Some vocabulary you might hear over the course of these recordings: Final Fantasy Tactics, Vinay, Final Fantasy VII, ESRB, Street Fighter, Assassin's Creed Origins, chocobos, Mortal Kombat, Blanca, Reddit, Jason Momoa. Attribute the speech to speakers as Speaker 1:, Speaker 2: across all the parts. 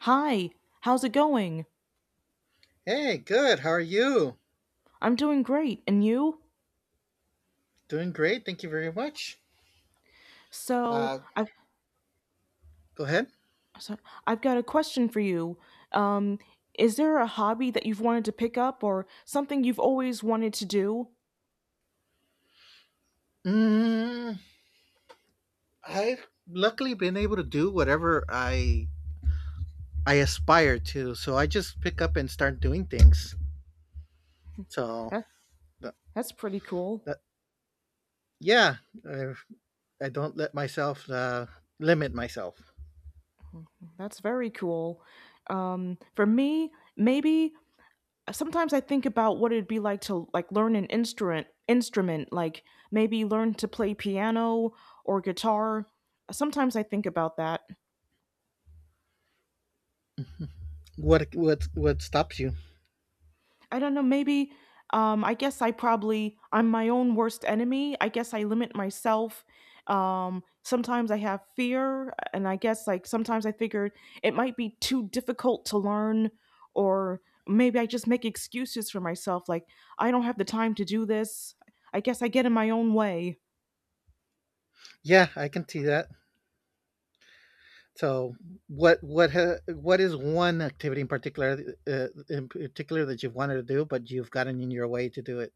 Speaker 1: Hi, how's it going?
Speaker 2: Hey, good. How are you?
Speaker 1: I'm doing great, and you?
Speaker 2: Doing great. Thank you very much.
Speaker 1: So,
Speaker 2: Uh,
Speaker 1: I've
Speaker 2: Go ahead.
Speaker 1: so I've got a question for you. Um, is there a hobby that you've wanted to pick up or something you've always wanted to do?
Speaker 2: Mm, I've luckily been able to do whatever I aspire to, so I just pick up and start doing things. So,
Speaker 1: That,
Speaker 2: th-
Speaker 1: that's pretty cool.
Speaker 2: th- yeah, I, I don't let myself limit myself.
Speaker 1: That's very cool. For me, maybe sometimes I think about what it'd be like to like learn an instrument like maybe learn to play piano or guitar. Sometimes I think about that.
Speaker 2: What stops you?
Speaker 1: I don't know, maybe I guess I probably I'm my own worst enemy. I guess I limit myself. Sometimes I have fear and I guess like sometimes I figured it might be too difficult to learn or maybe I just make excuses for myself like I don't have the time to do this. I guess I get in my own way.
Speaker 2: Yeah, I can see that. So, what is one activity in particular that you've wanted to do, but you've gotten in your way to do it?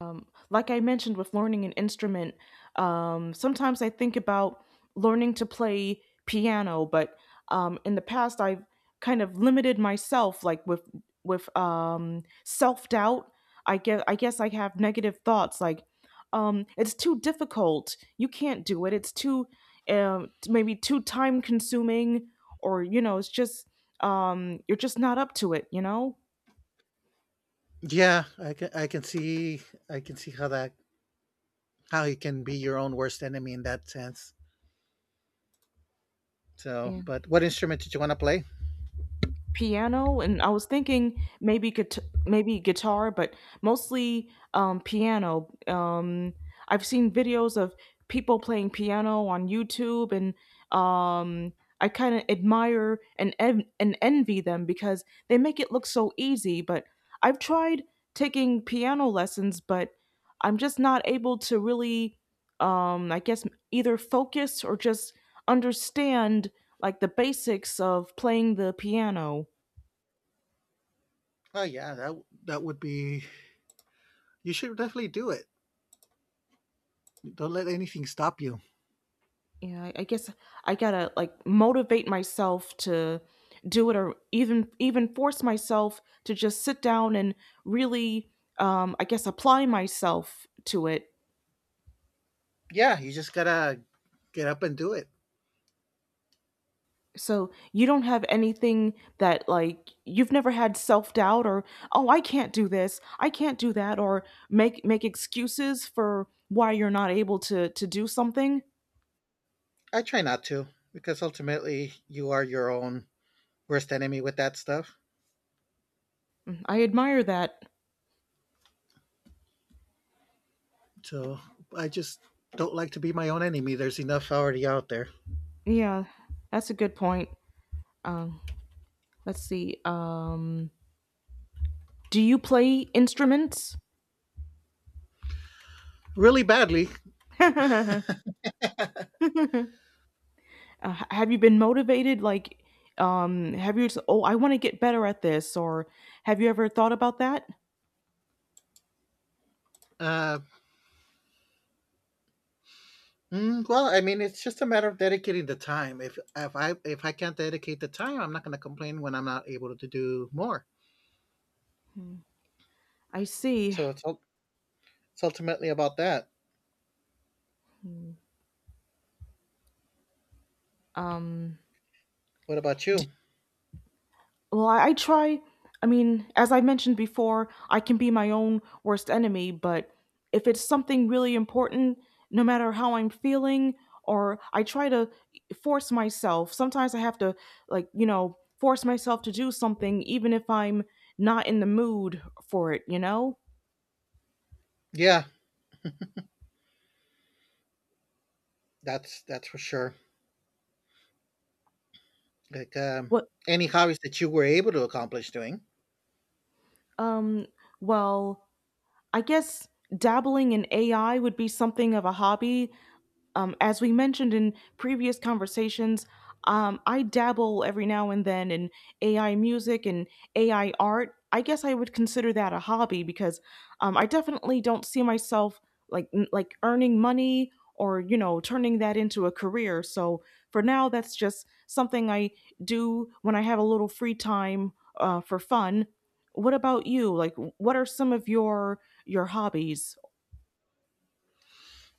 Speaker 1: Like I mentioned with learning an instrument, sometimes I think about learning to play piano, but in the past I've kind of limited myself, like with with self doubt. I guess I have negative thoughts like it's too difficult. You can't do it. It's too maybe too time consuming, or it's just you're just not up to it.
Speaker 2: Yeah, I can see how that how you can be your own worst enemy in that sense. So, but what instrument did you want to play?
Speaker 1: Piano, and I was thinking maybe guitar, but mostly piano. I've seen videos of people playing piano on YouTube, and um, I kind of admire and envy them because they make it look so easy. But I've tried taking piano lessons, but I'm just not able to really, um, I guess, either focus or just understand like the basics of playing the piano.
Speaker 2: Oh yeah, that that would be. You should definitely do it. Don't let anything stop you.
Speaker 1: Yeah, I guess I gotta like motivate myself to do it, or even force myself to just sit down and really, apply myself to it.
Speaker 2: Yeah, you just gotta get up and do it.
Speaker 1: So you don't have anything that like you've never had self doubt or oh I can't do this, I can't do that, or make excuses for why you're not able to do something.
Speaker 2: I try not to because ultimately you are your own worst enemy with that stuff.
Speaker 1: Mm, I admire that.
Speaker 2: So I just don't like to be my own enemy. There's enough already out there.
Speaker 1: Yeah, that's a good point. Oh, let's see. Do you play instruments?
Speaker 2: Really badly.
Speaker 1: uh, have you been motivated? Like, have you? Oh, I want to get better at this, or have you ever thought about that?
Speaker 2: Uh, Mm, well, I mean, it's just a matter of dedicating the time. If I can't dedicate the time, I'm not going to complain when I'm not able to do more.
Speaker 1: I see.
Speaker 2: So it's ultimately about that.
Speaker 1: Um,
Speaker 2: What about you?
Speaker 1: Well, I try. I mean, as I mentioned before, I can be my own worst enemy, but if it's something really important, no matter how I'm feeling, or I try to force myself, sometimes I have to, like, you know, force myself to do something even if I'm not in the mood for it, you know?
Speaker 2: Yeah, that's for sure. Like
Speaker 1: What,
Speaker 2: any hobbies that you were able to accomplish doing.
Speaker 1: um, well, I guess dabbling in AI would be something of a hobby. As we mentioned in previous conversations, I dabble every now and then in AI music and AI art. I guess I would consider that a hobby because I definitely don't see myself like earning money or you know turning that into a career. So for now, that's just something I do when I have a little free time for fun. What about you? Like, what are some of your hobbies?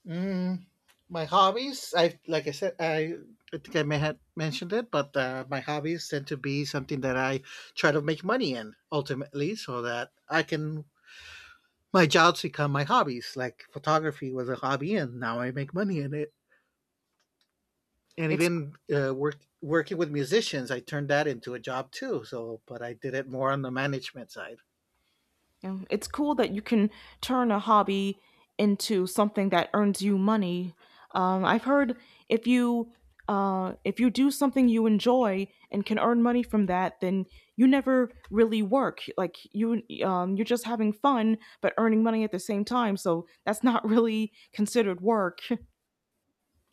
Speaker 2: Mm, my hobbies, I like I said, I think I may have mentioned it, but my hobbies tend to be something that I try to make money in ultimately, so that I can my jobs become my hobbies. Like photography was a hobby, and now I make money in it. And
Speaker 1: It's
Speaker 2: even work, working with musicians, I turned that into a job too. So, but I did it more on the management side.
Speaker 1: You know, it's cool that you can turn a hobby into something that earns you money. I've heard if you if you do something you enjoy and can earn money from that, then you never really work. Like you you're just having fun, but earning money at the same time. So that's not really considered work.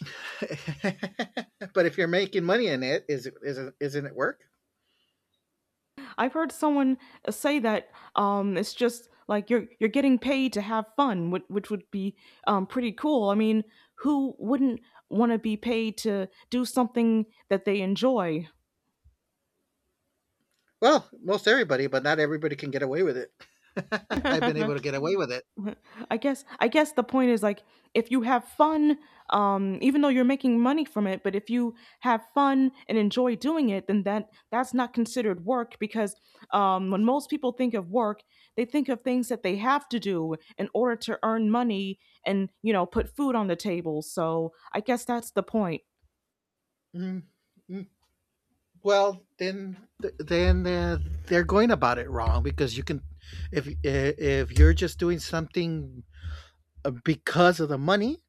Speaker 2: But if you're making money in it, isn't it work?
Speaker 1: I've heard someone say that it's just like you're getting paid to have fun, which would be pretty cool. I mean, who wouldn't want to be paid to do something that they enjoy?
Speaker 2: Well, most everybody, but not everybody can get away with it. I've been able to get away with it.
Speaker 1: I guess the point is like if you have fun, even though you're making money from it, but if you have fun and enjoy doing it, then that's not considered work because when most people think of work, they think of things that they have to do in order to earn money and you know put food on the table. So I guess that's the point.
Speaker 2: Mm, mm. Well, then they're going about it wrong because you can if you're just doing something because of the money,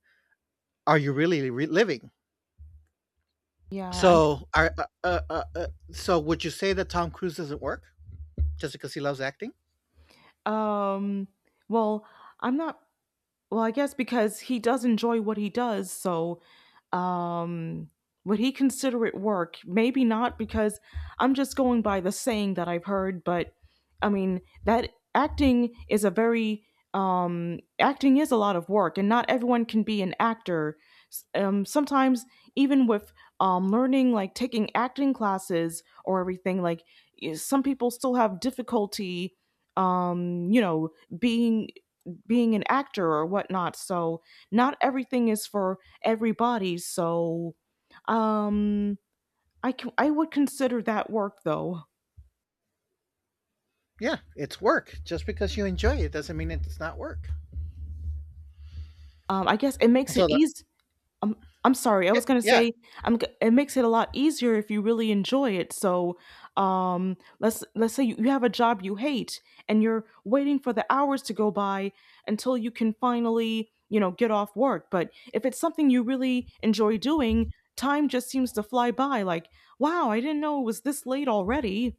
Speaker 2: are you really living?
Speaker 1: Yeah, I
Speaker 2: So would you say that tom cruise doesn't work just because he loves acting?
Speaker 1: um well, I'm not well, I guess because he does enjoy what he does, so Um, would he consider it work? Maybe not, because I'm just going by the saying that I've heard, but I mean, that acting is a acting is a lot of work, and not everyone can be an actor. Sometimes, even with learning, like taking acting classes or everything, some people still have difficulty, you know, being being an actor or whatnot. So not everything is for everybody. So um, I would consider that work though.
Speaker 2: Yeah, it's work. Just because you enjoy it doesn't mean it's not work.
Speaker 1: I guess it makes it
Speaker 2: So the
Speaker 1: easy. I'm I'm sorry. I
Speaker 2: yeah,
Speaker 1: was gonna
Speaker 2: yeah
Speaker 1: say, It makes it a lot easier if you really enjoy it. So, let's say you have a job you hate, and you're waiting for the hours to go by until you can finally, you know, get off work. But if it's something you really enjoy doing, time just seems to fly by. Like, wow, I didn't know it was this late already.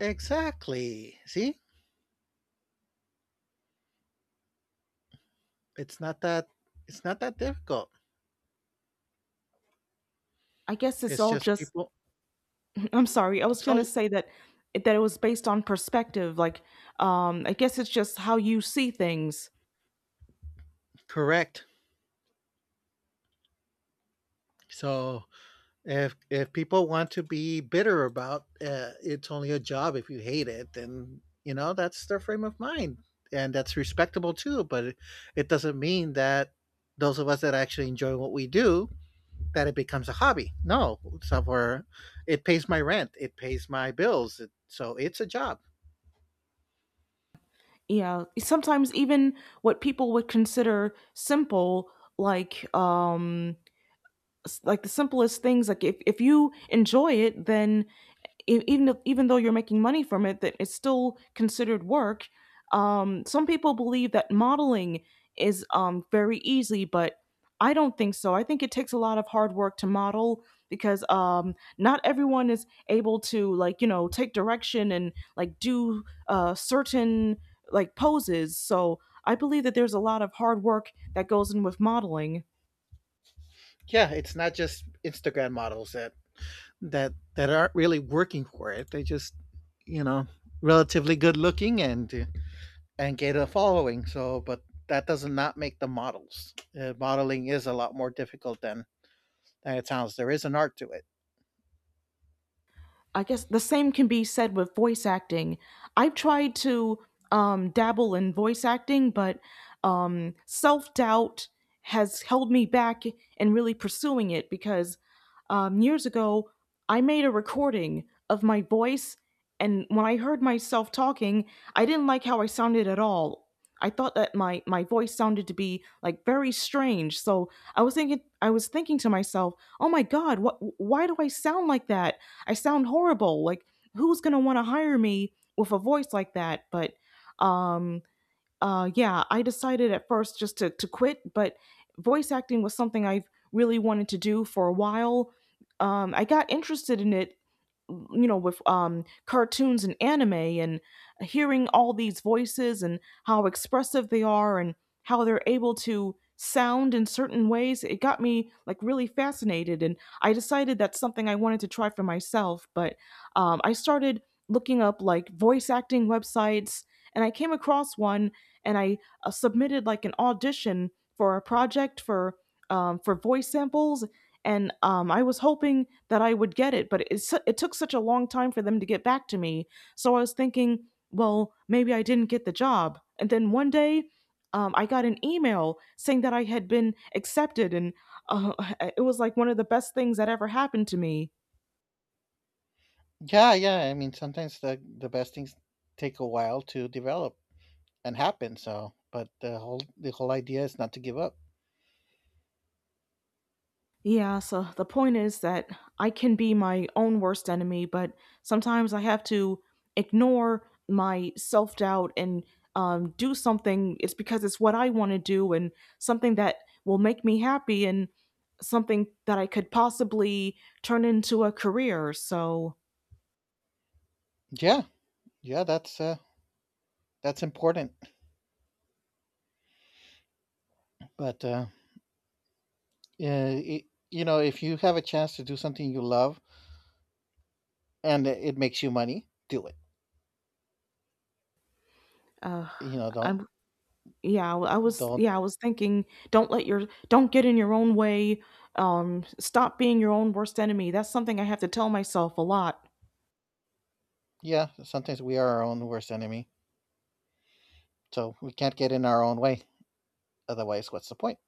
Speaker 2: Exactly, see, it's not that difficult.
Speaker 1: I guess it's
Speaker 2: It's
Speaker 1: all
Speaker 2: just
Speaker 1: just.
Speaker 2: people.
Speaker 1: I'm sorry. I was
Speaker 2: It's all
Speaker 1: gonna say that it was based on perspective. Like, I guess it's just how you see things.
Speaker 2: Correct. So if people want to be bitter about, it's only a job if you hate it, then, you know, that's their frame of mind, and that's respectable too, but it doesn't mean that those of us that actually enjoy what we do, that it becomes a hobby. No, somewhere it pays my rent, it pays my bills, it so it's a job.
Speaker 1: Yeah, sometimes even what people would consider simple, like like the simplest things, like if you enjoy it, then e- even if, even though you're making money from it, that it's still considered work. Some people believe that modeling is very easy, but I don't think so. I think it takes a lot of hard work to model because not everyone is able to like you know take direction and like do certain like poses. So I believe that there's a lot of hard work that goes in with modeling.
Speaker 2: Yeah, it's not just Instagram models that that aren't really working for it. They just, you know, relatively good looking and get a following. So, but that does not make the models. Modeling is a lot more difficult than it sounds. There is an art to it.
Speaker 1: I guess the same can be said with voice acting. I've tried to dabble in voice acting, but self doubt has held me back in really pursuing it because years ago I made a recording of my voice, and when I heard myself talking, I didn't like how I sounded at all. I thought that my voice sounded to be like very strange. So I was thinking to myself, "Oh my god, what why do I sound like that? I sound horrible. Like, who's going to want to hire me with a voice like that?" But um, yeah, I decided at first just to quit, but voice acting was something I've really wanted to do for a while. I got interested in it you know with cartoons and anime and hearing all these voices and how expressive they are and how they're able to sound in certain ways. It got me like really fascinated, and I decided that's something I wanted to try for myself. But I started looking up like voice acting websites, and I came across one, and I submitted like an audition for a project for voice samples. And I was hoping that I would get it, but it took such a long time for them to get back to me. So I was thinking, well, maybe I didn't get the job. And then one day, I got an email saying that I had been accepted, and uh, it was like one of the best things that ever happened to me.
Speaker 2: Yeah, yeah. I mean, sometimes the best things take a while to develop and happen. So, but the whole idea is not to give up.
Speaker 1: Yeah, so the point is that I can be my own worst enemy, but sometimes I have to ignore my self doubt and do something. It's because it's what I want to do and something that will make me happy and something that I could possibly turn into a career. So,
Speaker 2: Yeah, yeah. That's important. But yeah, it, you know, if you have a chance to do something you love and it makes you money, do it.
Speaker 1: uh,
Speaker 2: You know, don't
Speaker 1: I'm
Speaker 2: don't.
Speaker 1: yeah, I was thinking, don't get in your own way. Stop being your own worst enemy. That's something I have to tell myself a lot.
Speaker 2: Yeah, sometimes we are our own worst enemy. So we can't get in our own way. Otherwise, what's the point?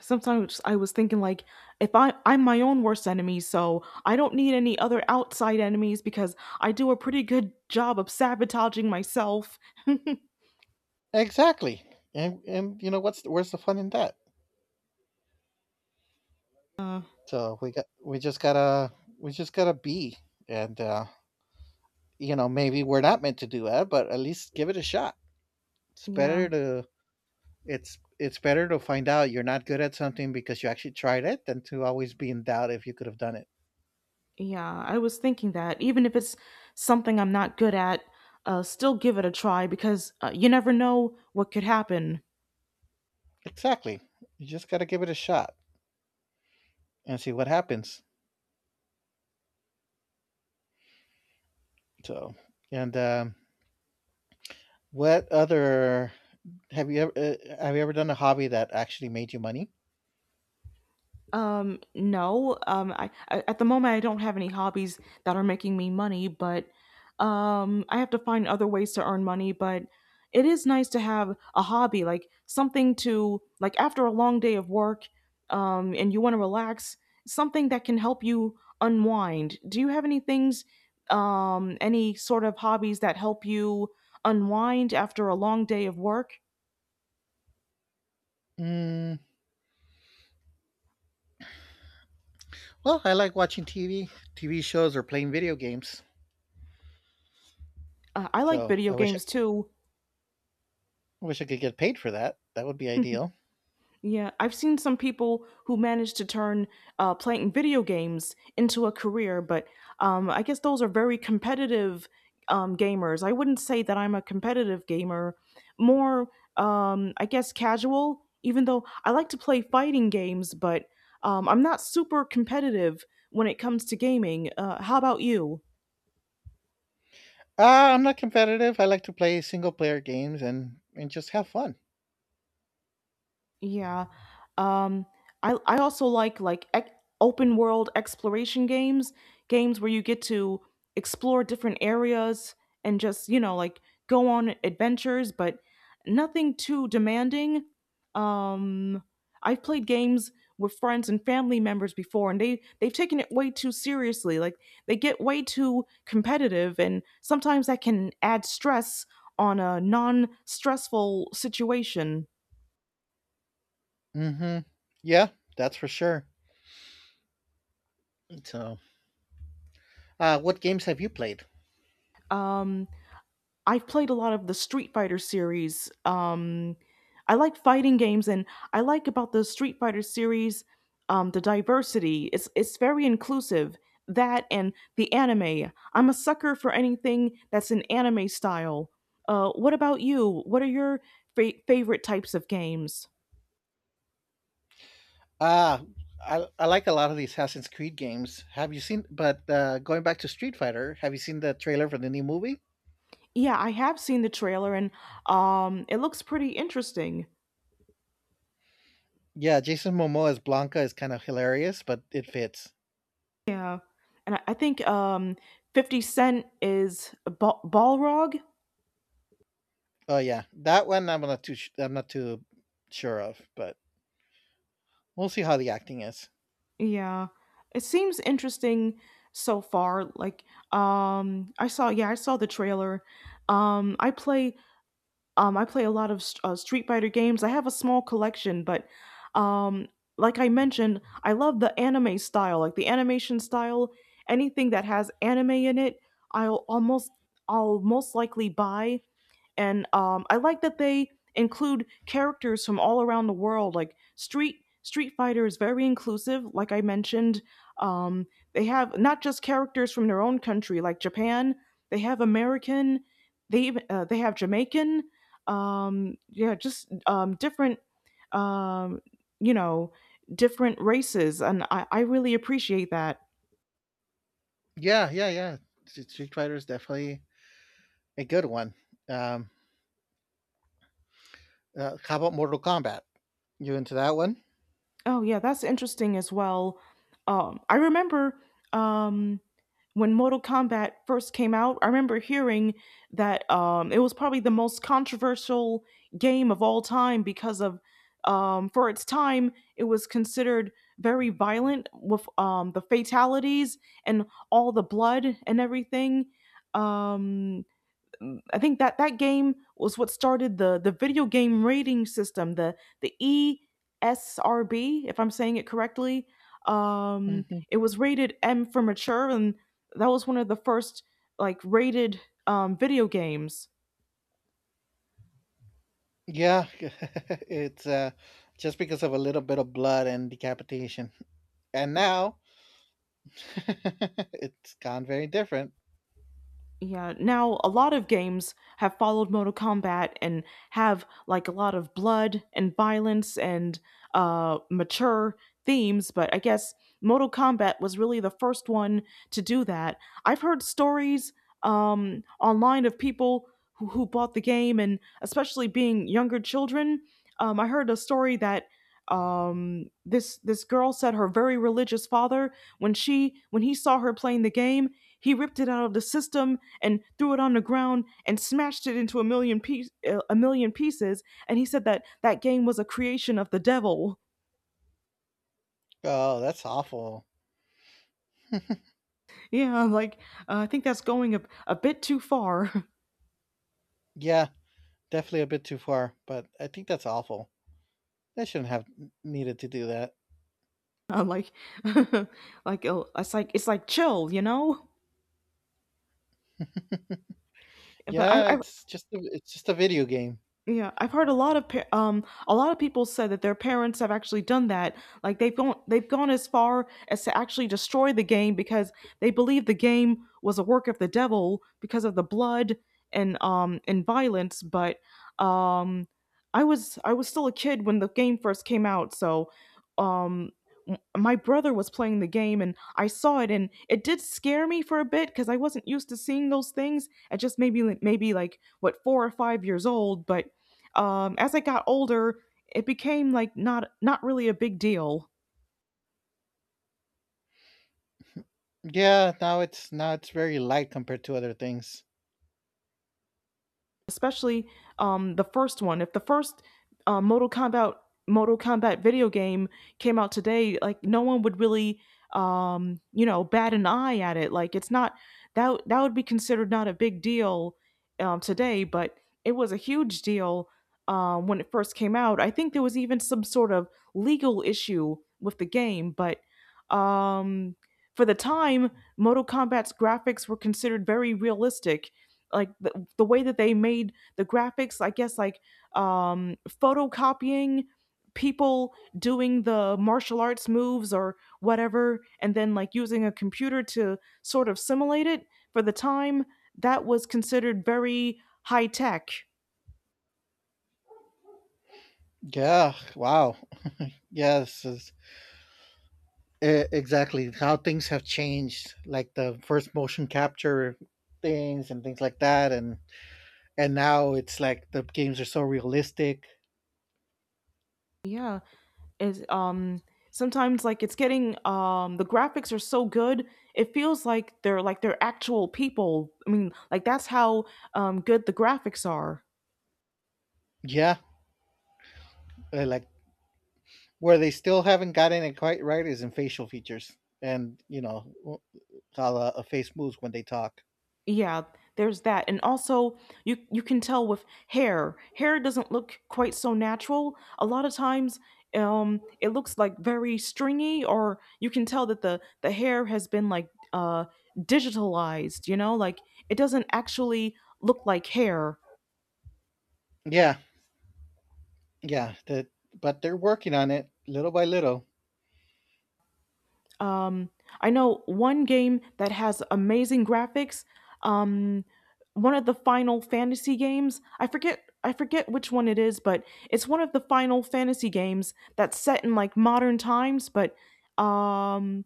Speaker 1: Sometimes I was thinking like if I I'm my own worst enemy, so I don't need any other outside enemies because I do a pretty good job of sabotaging myself.
Speaker 2: Exactly. And you know what's where's the fun in that? So we just gotta be, and you know, maybe we're not meant to do that, but at least give it a shot. It's
Speaker 1: Yeah.
Speaker 2: better to it's better to find out you're not good at something because you actually tried it than to always be in doubt if you could have done it.
Speaker 1: Yeah, I was thinking that even if it's something I'm not good at, still give it a try because you never know what could happen.
Speaker 2: Exactly. You just gotta give it a shot and see what happens. So, and what other have you ever done a hobby that actually made you money?
Speaker 1: No. Um, I at the moment I don't have any hobbies that are making me money, but I have to find other ways to earn money. But it is nice to have a hobby, like something to like after a long day of work, and you want to relax, something that can help you unwind. Do you have any things, any sort of hobbies that help you unwind after a long day of work?
Speaker 2: Mm, well, I like watching TV, TV shows, or playing video games.
Speaker 1: I like
Speaker 2: So
Speaker 1: video games too.
Speaker 2: I wish I could get paid for that. That would be ideal.
Speaker 1: Yeah, I've seen some people who managed to turn playing video games into a career, but I guess those are very competitive gamers. I wouldn't say that I'm a competitive gamer, more, I guess, casual, even though I like to play fighting games, but I'm not super competitive when it comes to gaming. How about you?
Speaker 2: Uh, I'm not competitive. I like to play single player games and just have fun.
Speaker 1: Yeah. Um I also like open world exploration games, games where you get to explore different areas and just, like go on adventures, but nothing too demanding. Um I've played games with friends and family members before, and they've taken it way too seriously. Like they get way too competitive, and sometimes that can add stress on a non-stressful situation.
Speaker 2: Mm-hmm. Yeah, that's for sure. So, what games have you played?
Speaker 1: Um I've played a lot of the Street Fighter series. I like fighting games, and I like about the Street Fighter series the diversity. It's very inclusive. That and the anime. I'm a sucker for anything that's an anime style. What about you? What are your favorite types of games?
Speaker 2: Ah, I like a lot of the Assassin's Creed games. Have you seen? But going back to Street Fighter, have you seen the trailer for the new movie?
Speaker 1: Yeah, I have seen the trailer, and it looks pretty interesting.
Speaker 2: Yeah, Jason Momoa as Blanca is kind of hilarious, but it fits.
Speaker 1: Yeah, and I think Fifty Cent is Balrog.
Speaker 2: Oh yeah, that one I'm not too sure of, but we'll see how the acting is.
Speaker 1: Yeah. It seems interesting so far. Like, I saw, yeah, I saw the trailer. Um, I play, I play a lot of Street Fighter games. I have a small collection, but, um, like I mentioned, I love the anime style, like the animation style. Anything that has anime in it, I'll almost, I'll most likely buy, and I like that they include characters from all around the world. Like Street Fighter is very inclusive. Like I mentioned, um, they have not just characters from their own country, like Japan. They have American. They even they have Jamaican. Yeah, just different. Um, you know, different races, and I really appreciate that.
Speaker 2: Yeah, yeah, yeah. Street Fighter is definitely a good one. Um, how about Mortal Kombat? You into that one?
Speaker 1: Oh yeah, that's interesting as well. I remember um, when Mortal Kombat first came out. I remember hearing that it was probably the most controversial game of all time because of, for its time it was considered very violent with, the fatalities and all the blood and everything. Um, I think that that game was what started the video game rating system, the ESRB, if I'm saying it correctly.
Speaker 2: Hmm.
Speaker 1: It was rated M for mature, and that was one of the first like rated video games.
Speaker 2: Yeah, it's just because of a little bit of blood and decapitation. And now it's gone very different.
Speaker 1: Yeah, now a lot of games have followed Mortal Kombat and have like a lot of blood and violence and mature themes, but I guess Mortal Kombat was really the first one to do that. I've heard stories online of people who bought the game, and especially being younger children. I heard a story that this girl said her very religious father when he saw her playing the game, he ripped it out of the system and threw it on the ground and smashed it into a million a million pieces. And he said that that game was a creation of the devil.
Speaker 2: Oh, that's awful.
Speaker 1: Yeah, like I think that's going a bit too far.
Speaker 2: Yeah, definitely a bit too far, but I think that's awful. They shouldn't have needed to do that.
Speaker 1: I'm like, like it's like it's like chill, you know. But
Speaker 2: Yeah,
Speaker 1: I
Speaker 2: it's just it's just a video game.
Speaker 1: yeah, I've heard a lot of pa a lot of people said that their parents have actually done that. Like they've gone as far as to actually destroy the game because they believe the game was a work of the devil because of the blood and violence. But um, I was still a kid when the game first came out, so um, my brother was playing the game and I saw it and it did scare me for a bit because I wasn't used to seeing those things. It just made me like, maybe like what, four or five years old, but as I got older, it became like not really a big deal,
Speaker 2: Yeah, now it's very light compared to other things.
Speaker 1: especially the first one. If the first uh, Mortal Kombat Mortal Kombat video game came out today, like no one would really, bat an eye at it. Like it's not, that that would be considered not a big deal today, but it was a huge deal when it first came out. I think there was even some sort of legal issue with the game, but um, for the time, Mortal Kombat's graphics were considered very realistic. Like the way that they made the graphics, I guess like photocopying people doing the martial arts moves or whatever and then like using a computer to sort of simulate it. For the time, that was considered very high tech.
Speaker 2: Yeah, wow. Yes, exactly how things have changed, like the first motion capture things and things like that, and now it's like the games are so realistic.
Speaker 1: Yeah, is sometimes like it's getting, the graphics are so good it feels like they're actual people. I mean, like that's how good the graphics are.
Speaker 2: Yeah, like where they still haven't gotten it quite right is in facial features, and you know how a face moves when they talk.
Speaker 1: Yeah, there's that. And also you can tell with hair. Hair doesn't look quite so natural. A lot of times, it looks like very stringy, or you can tell that the hair has been like digitalized, you know? Like it doesn't actually look like hair.
Speaker 2: Yeah, yeah the, but they're working on it little by little.
Speaker 1: Um, I know one game that has amazing graphics. Um, One of the Final Fantasy games. I forget which one it is, but it's one of the Final Fantasy games that's set in like modern times. But um,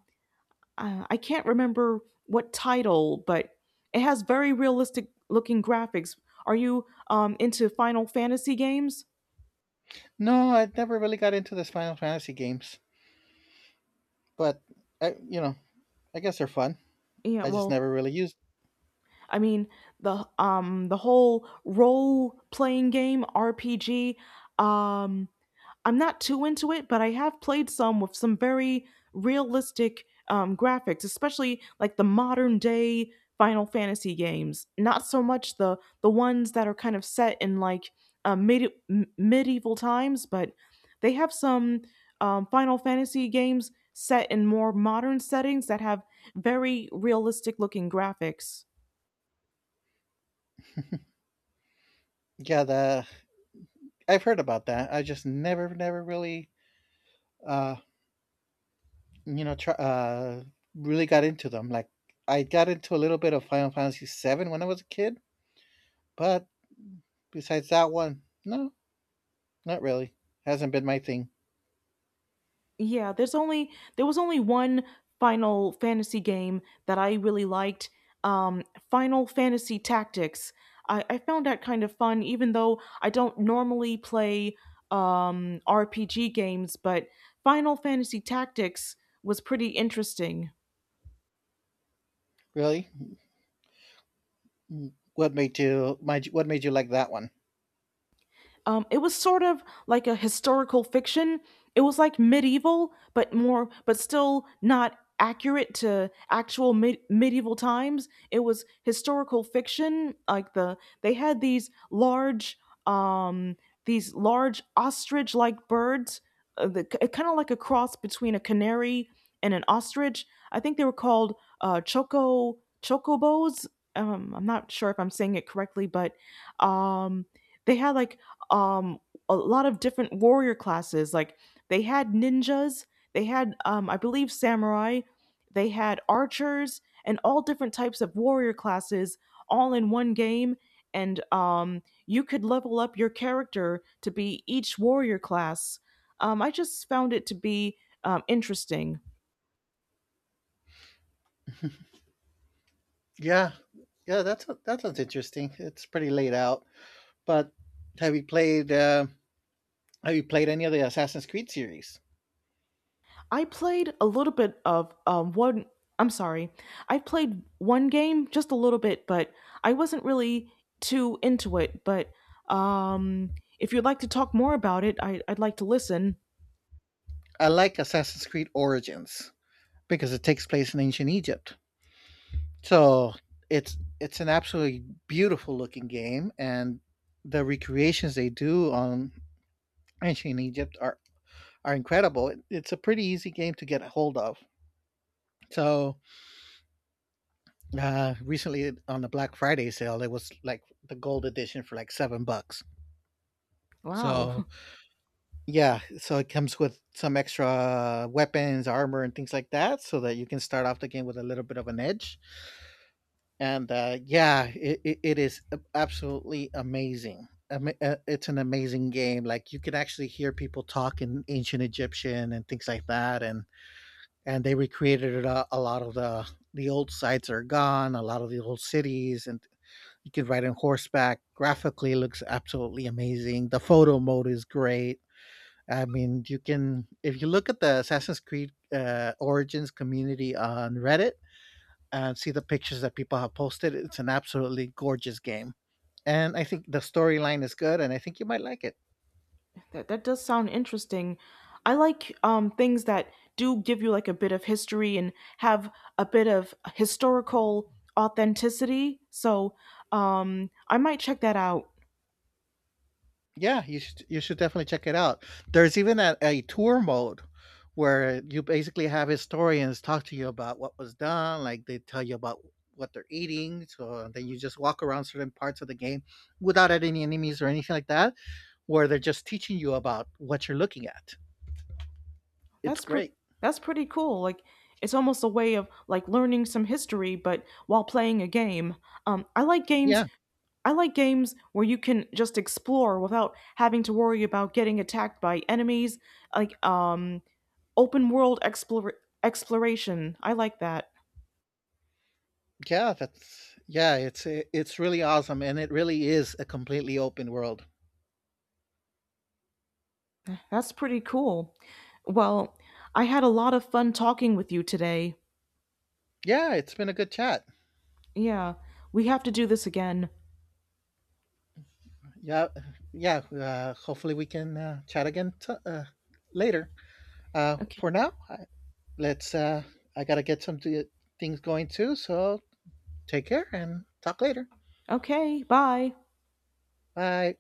Speaker 1: I can't remember what title, but it has very realistic looking graphics. Are you into Final Fantasy games?
Speaker 2: No, I never really got into this final fantasy games, but I, you know I guess they're fun.
Speaker 1: Yeah.
Speaker 2: I just
Speaker 1: Well,
Speaker 2: never really used
Speaker 1: I mean the whole role playing game, RPG. Um, I'm not too into it, but I have played some with some very realistic graphics, especially like the modern day Final Fantasy games. Not so much the ones that are kind of set in like medieval times, but they have some Final Fantasy games set in more modern settings that have very realistic looking graphics.
Speaker 2: yeah the I've heard about that. I just never, never really, uh, you know, really got into them. Like I got into a little bit of Final Fantasy VII when I was a kid, but besides that one, no, not really. Hasn't been my thing.
Speaker 1: Yeah, there was only one Final Fantasy game that I really liked. Um, Final Fantasy Tactics. I found that kind of fun, even though I don't normally play RPG games, but Final Fantasy Tactics was pretty interesting.
Speaker 2: Really, what made you, what made you like that one?
Speaker 1: It was sort of like a historical fiction. It was like medieval, but more, but still not accurate to actual medieval times. It was historical fiction. Like they had these um, these large ostrich-like birds, kind of like a cross between a canary and an ostrich. I think they were called chocobos. I'm not sure if I'm saying it correctly, but um, they had like um a lot of different warrior classes. Like they had ninjas, they had I believe samurai, they had archers and all different types of warrior classes all in one game, and you could level up your character to be each warrior class. I just found it to be interesting.
Speaker 2: Yeah, yeah, that's that sounds interesting. It's pretty laid out. But have you played? Have you played any of the Assassin's Creed series?
Speaker 1: I played a little bit of one. I'm sorry, I played one game just a little bit, but I wasn't really too into it. But um, if you'd like to talk more about it, I'd like to listen.
Speaker 2: I like Assassin's Creed Origins because it takes place in ancient Egypt. So it's an absolutely beautiful looking game, and the recreations they do on ancient Egypt are incredible. It's a pretty easy game to get a hold of. So recently on the Black Friday sale, it was like the gold edition for like $7.
Speaker 1: Wow,
Speaker 2: So yeah, so it comes with some extra weapons, armor, and things like that, so that you can start off the game with a little bit of an edge. And it is absolutely amazing. It's an amazing game. Like you can actually hear people talk in ancient Egyptian and things like that, and they recreated it. A lot of the old sites are gone. A lot of the old cities, and you can ride on horseback. Graphically, it looks absolutely amazing. The photo mode is great. I mean, you can, if you look at the Assassin's Creed Origins community on Reddit and see the pictures that people have posted. It's an absolutely gorgeous game, and I think the storyline is good, and I think you might like it.
Speaker 1: that that does sound interesting. I like things that do give you like a bit of history and have a bit of historical authenticity. So I might check that out.
Speaker 2: Yeah, you should definitely check it out. There's even a tour mode where you basically have historians talk to you about what was done, like they tell you about what they're eating. So then you just walk around certain parts of the game without any enemies or anything like that, where they're just teaching you about what you're looking at. It's
Speaker 1: That's pretty.
Speaker 2: great.
Speaker 1: That's pretty cool. Like it's almost a way of like learning some history, but while playing a game. I like games.
Speaker 2: Yeah,
Speaker 1: I like games where you can just explore without having to worry about getting attacked by enemies. Like open world explore exploration. I like that.
Speaker 2: yeah that's yeah it's really awesome, and it really is a completely open world.
Speaker 1: That's pretty cool. Well, I had a lot of fun talking with you today.
Speaker 2: Yeah, it's been a good chat.
Speaker 1: Yeah, we have to do this again.
Speaker 2: Yeah, yeah hopefully we can chat again later.
Speaker 1: Okay.
Speaker 2: For now let's I gotta get some things going too. So take care and talk later.
Speaker 1: Okay. Bye.
Speaker 2: Bye.